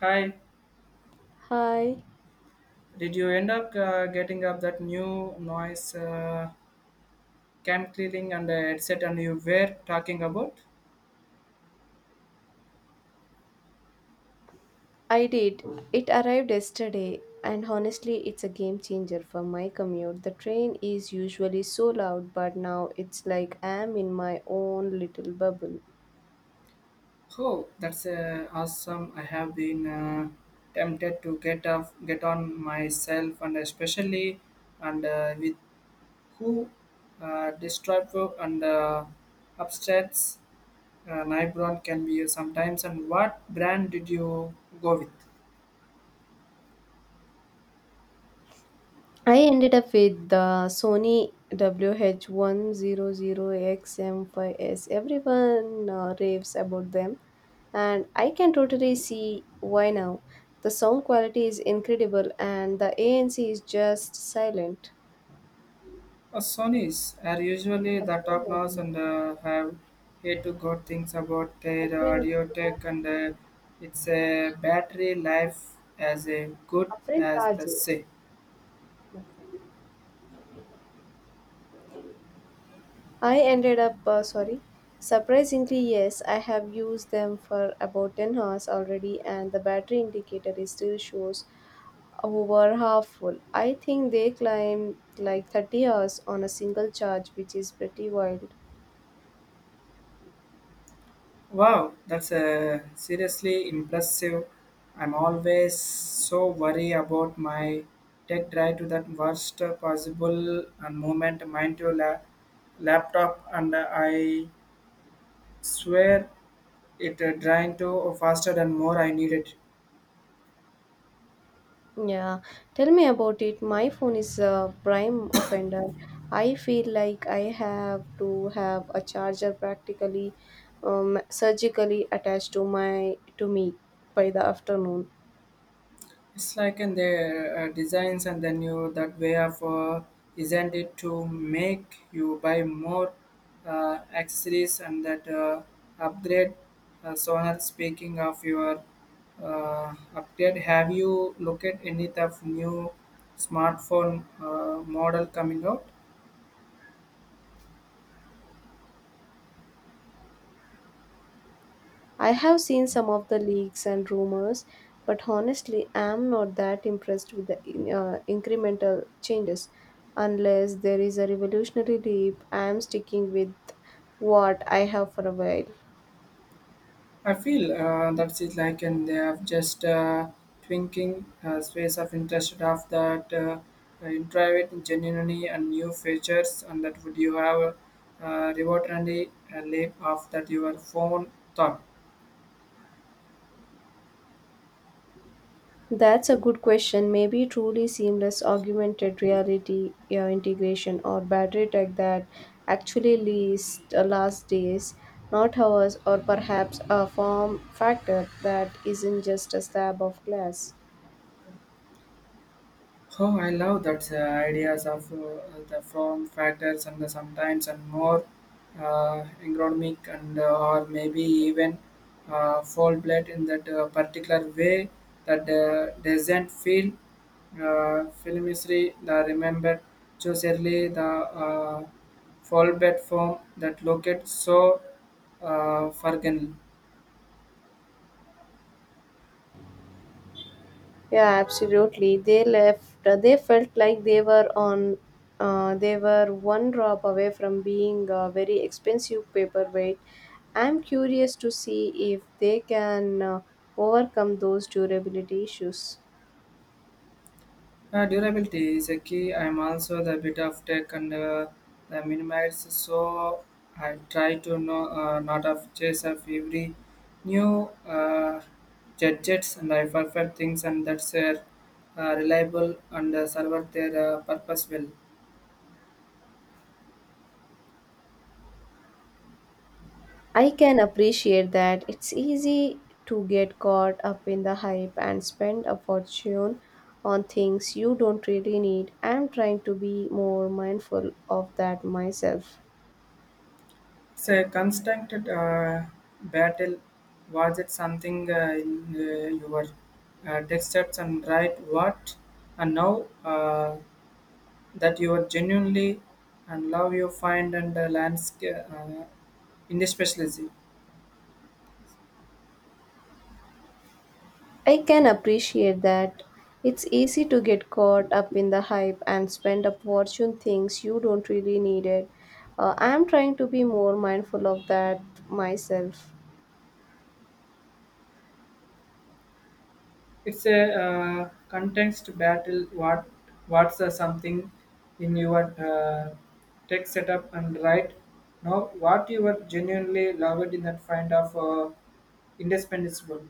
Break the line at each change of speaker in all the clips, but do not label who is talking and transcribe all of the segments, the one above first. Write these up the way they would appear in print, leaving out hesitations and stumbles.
Hi,
Hi,
did you end up getting up that new noise cam cleaning and headset and you were talking about?
I did. It arrived yesterday, and honestly, it's a game changer for my commute. The train is usually so loud, but now it's like I'm in my own little bubble.
Oh, that's awesome. I have been tempted to get off, get on myself and especially and with who destructive and upsets Nibron can be sometimes and what brand did you go with?
I ended up with the Sony wh 100 xm five S. Everyone raves about them, and I can totally see why now. The sound quality is incredible, and the ANC is just silent.
Sonys are usually the top notch
Absolutely.
and have head to good things about
Such
their
many
audio
people
tech and its a battery life as good
are afraid
as the
Taji.
say.
I ended up, surprisingly, yes, I have used them for about 10 hours already, and the battery indicator is still shows over half full. I think they climb like 30 hours on a single charge, which is pretty wild.
Wow, that's seriously impressive. I'm always so worried about my tech drive to that worst possible and moment mind to laptop and I swear it drained to faster than more I needed.
Yeah, tell me about it. My phone is a prime offender. I feel like I have to have a charger practically surgically attached to my to me by the afternoon.
It's like in their designs and then you that way of designed it to make you buy more accessories and that upgrade. Sonar, speaking of your upgrade, have you looked at any of new smartphone model coming out?
I have seen some of the leaks and rumors, but honestly, I'm not that impressed with the incremental changes. Unless there is a revolutionary leap, I'm sticking with what I have for a while.
I feel that's it like and they have just twinking space of interest of that in private genuinely and new features and that would you have reward and a lab of that your phone thought.
That's a good question. Maybe truly seamless augmented reality integration or battery tech that actually leads last days, not hours, or perhaps a form factor that isn't just a slab of glass.
Oh, I love that ideas of the form factors and the sometimes and more ergonomic and or maybe even full blood in that particular way that doesn't feel filmistry. The remember choose early the full bed form that located so forgotten.
Yeah, absolutely. They left. They felt like they were on. They were one drop away from being a very expensive paperweight. I'm curious to see if they can overcome those durability issues.
Durability is a key. I'm also the bit of tech and the minimize, so I try to know not of chase of every new gadgets and I perfect things and that's reliable and serve their purpose well.
I can appreciate that it's easy to get caught up in the hype and spend a fortune on things you don't really need. I'm trying to be more mindful of that myself.
It's a constant battle. Was it something in your tech steps and write what and now? That you are genuinely and love your find and landscape in this specialty.
I can appreciate that. It's easy to get caught up in the hype and spend a fortune things you don't really need it. I'm trying to be more mindful of that myself.
It's a context battle. What's something in your tech setup and right now what you are genuinely loved in that find of indispensable.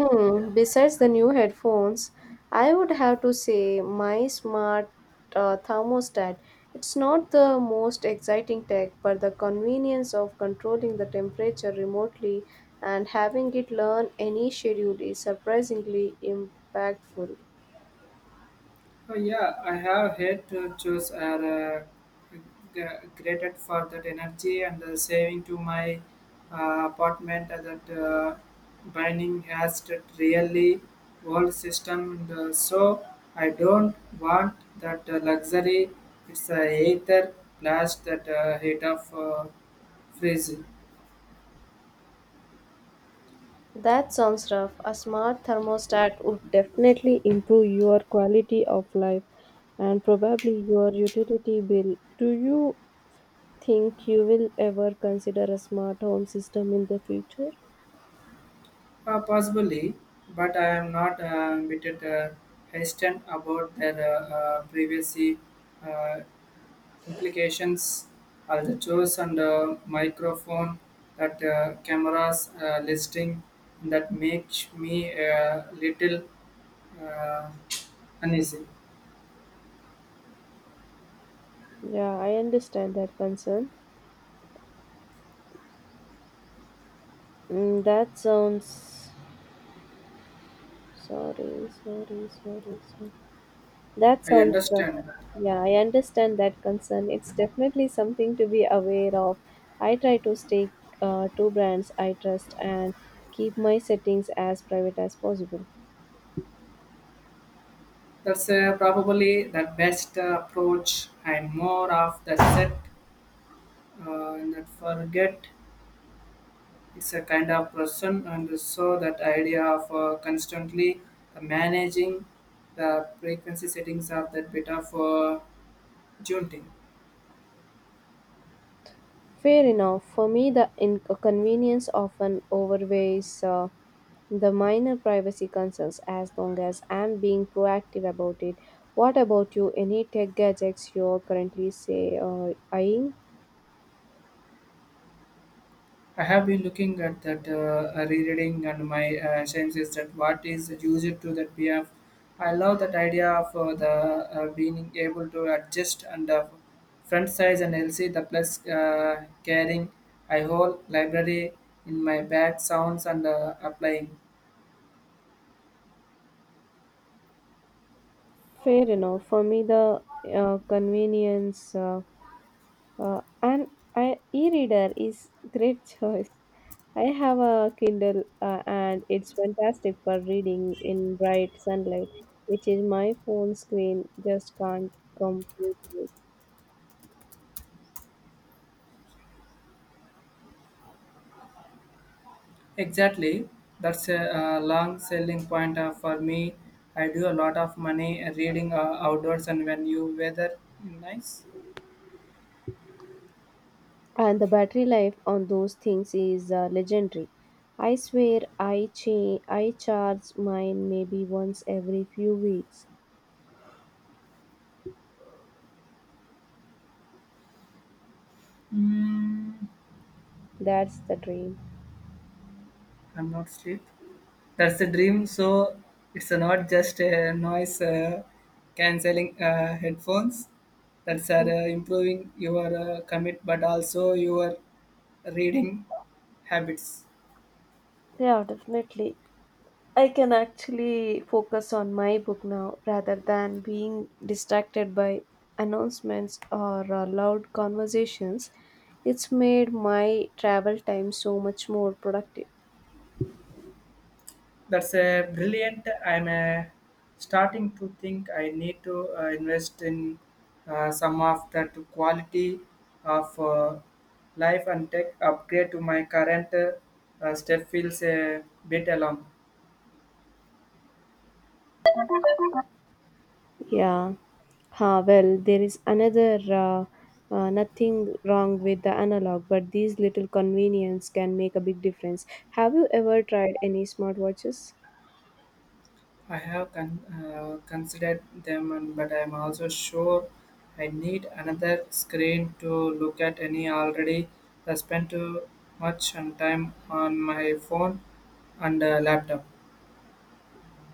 Hmm, besides the new headphones, I would have to say my smart thermostat. It's not the most exciting tech, but the convenience of controlling the temperature remotely and having it learn any schedule is surprisingly impactful.
Yeah, I have had chores are g- graded for that energy and saving to my apartment that binding has that really world system. And, so I don't want that luxury. It's a ether blast that heat of freeze.
That sounds rough. A smart thermostat would definitely improve your quality of life and probably your utility bill. Do you think you will ever consider a smart home system in the future?
Possibly, but I am not a bit hesitant about their privacy. Uh, Implications are the choice and microphone that cameras listing that makes me a little uh, uneasy.
Yeah, I understand that concern. Mm, that sounds. Sorry, sorry, sorry, sorry. That
I
sounds rough.
understand that.
Yeah, I understand that concern. It's definitely something to be aware of. I try to stay to brands I trust and keep my settings as private as possible.
That's probably the best approach. I'm more of the set and that forget it's a kind of person, and so that idea of constantly managing the frequency settings of that bit of tuning.
Fair enough. For me, the inconvenience often overweighs the minor privacy concerns as long as I'm being proactive about it. What about you? Any tech gadgets you're currently, say, eyeing?
I have been looking at that rereading, and my sense is that what is used to that we have. I love that idea of the being able to adjust and front size and LC the plus carrying a whole library in my bag sounds and applying.
Fair enough. For me, the convenience. And I, e-reader is great choice. I have a Kindle and it's fantastic for reading in bright sunlight, which is my phone screen just can't compete with.
Exactly, that's a, long selling point for me. I do a lot of money reading outdoors and when you weather nice,
And the battery life on those things is legendary. I swear I charge mine maybe once every few weeks.
mm,
That's the dream.
I'm not sleep. That's the dream. So it's not just a noise cancelling headphones that's are improving your commit, but also your reading habits.
Yeah, definitely. I can actually focus on my book now rather than being distracted by announcements or loud conversations. It's made my travel time so much more productive.
That's a brilliant. I'm starting to think I need to invest in some of that quality of life and tech upgrade to my current step feels a bit alone.
Yeah. Ah, well, there is another nothing wrong with the analog, but these little convenience can make a big difference. Have you ever tried any smartwatches?
I have considered them, and, but I'm also sure I need another screen to look at any already. I spend too much on time on my phone and laptop.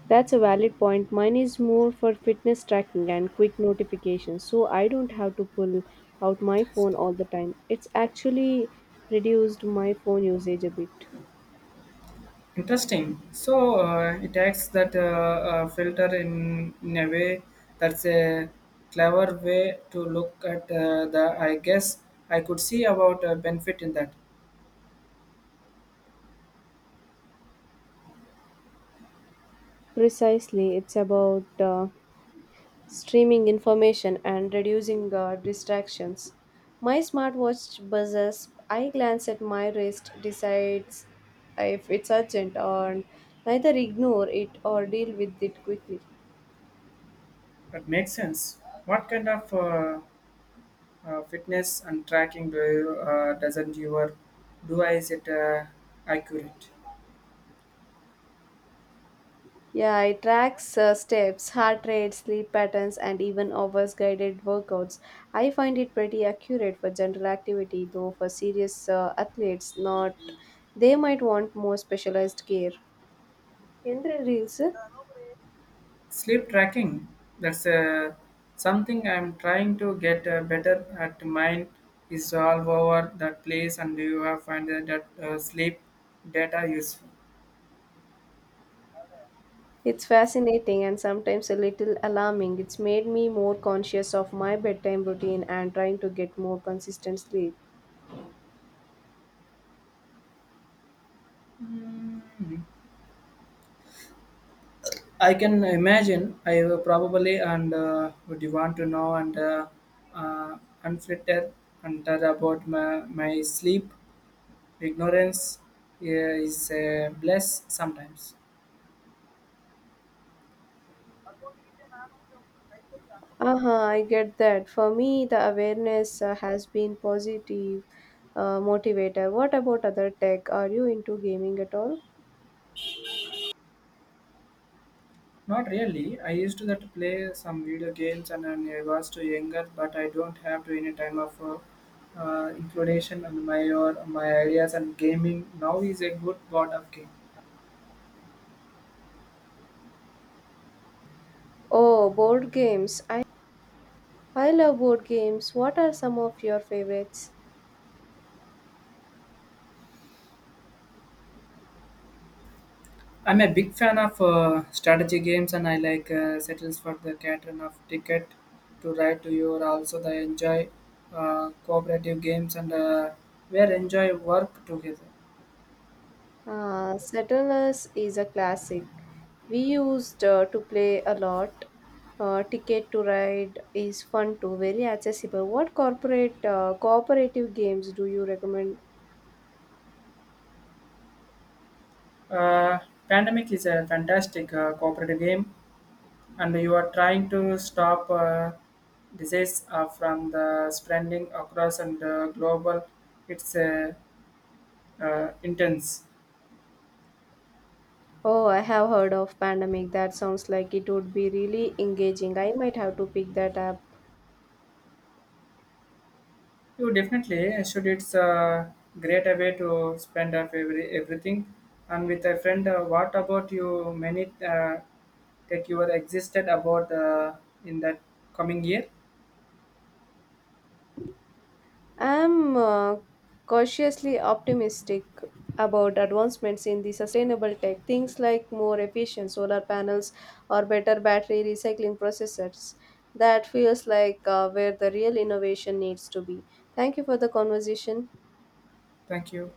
That's a valid point. Mine is more for fitness tracking and quick notifications, so I don't have to pull out my phone all the time. It's actually reduced my phone usage a bit.
Interesting. So it acts that filter in a way that's a clever way to look at the. I guess I could see about benefit in that.
Precisely, it's about streaming information and reducing distractions. My smartwatch buzzes, I glance at my wrist, decides if it's urgent, or neither ignore it or deal with it quickly.
That makes sense. What kind of fitness and tracking do you, doesn't your do I is it accurate
Yeah, it tracks steps, heart rate, sleep patterns, and even offers guided workouts. I find it pretty accurate for general activity, though for serious athletes, not. They might want more specialized gear. Yendra Reels,
sleep tracking that's something I'm trying to get better at mine is all over that place and you have find that sleep data useful.
it's fascinating and sometimes a little alarming. It's made me more conscious of my bedtime routine and trying to get more consistent sleep.
Mm. I can imagine I will probably and would you want to know and uh, unfiltered and tell about my sleep ignorance is a bless sometimes.
Uh-huh, I get that. For me, the awareness has been positive motivator. What about other tech? Are you into gaming at all?
Not really. I used to that play some video games and I was too younger, but I don't have to any time of inclination and my or my ideas and gaming. Now is a good board of game.
Oh, board games. I love board games. What are some of your favorites?
I'm a big fan of strategy games and I like settles for the pattern of ticket to ride to you. Also, I enjoy cooperative games and where enjoy work together.
Settlers is a classic. We used to play a lot. Ticket to Ride is fun too, very accessible. What corporate cooperative games do you recommend?
Uh, Pandemic is a fantastic cooperative game, and you are trying to stop disease from the spreading across and global. It's intense.
Oh, I have heard of Pandemic. That sounds like it would be really engaging. I might have to pick that up.
You definitely should. It's a great way to spend up every, everything. And with a friend, what about you? Many that you are existed about in that coming year.
I'm cautiously optimistic about advancements in the sustainable tech. Things like more efficient solar panels or better battery recycling processes. That feels like where the real innovation needs to be. Thank you for the conversation.
Thank you.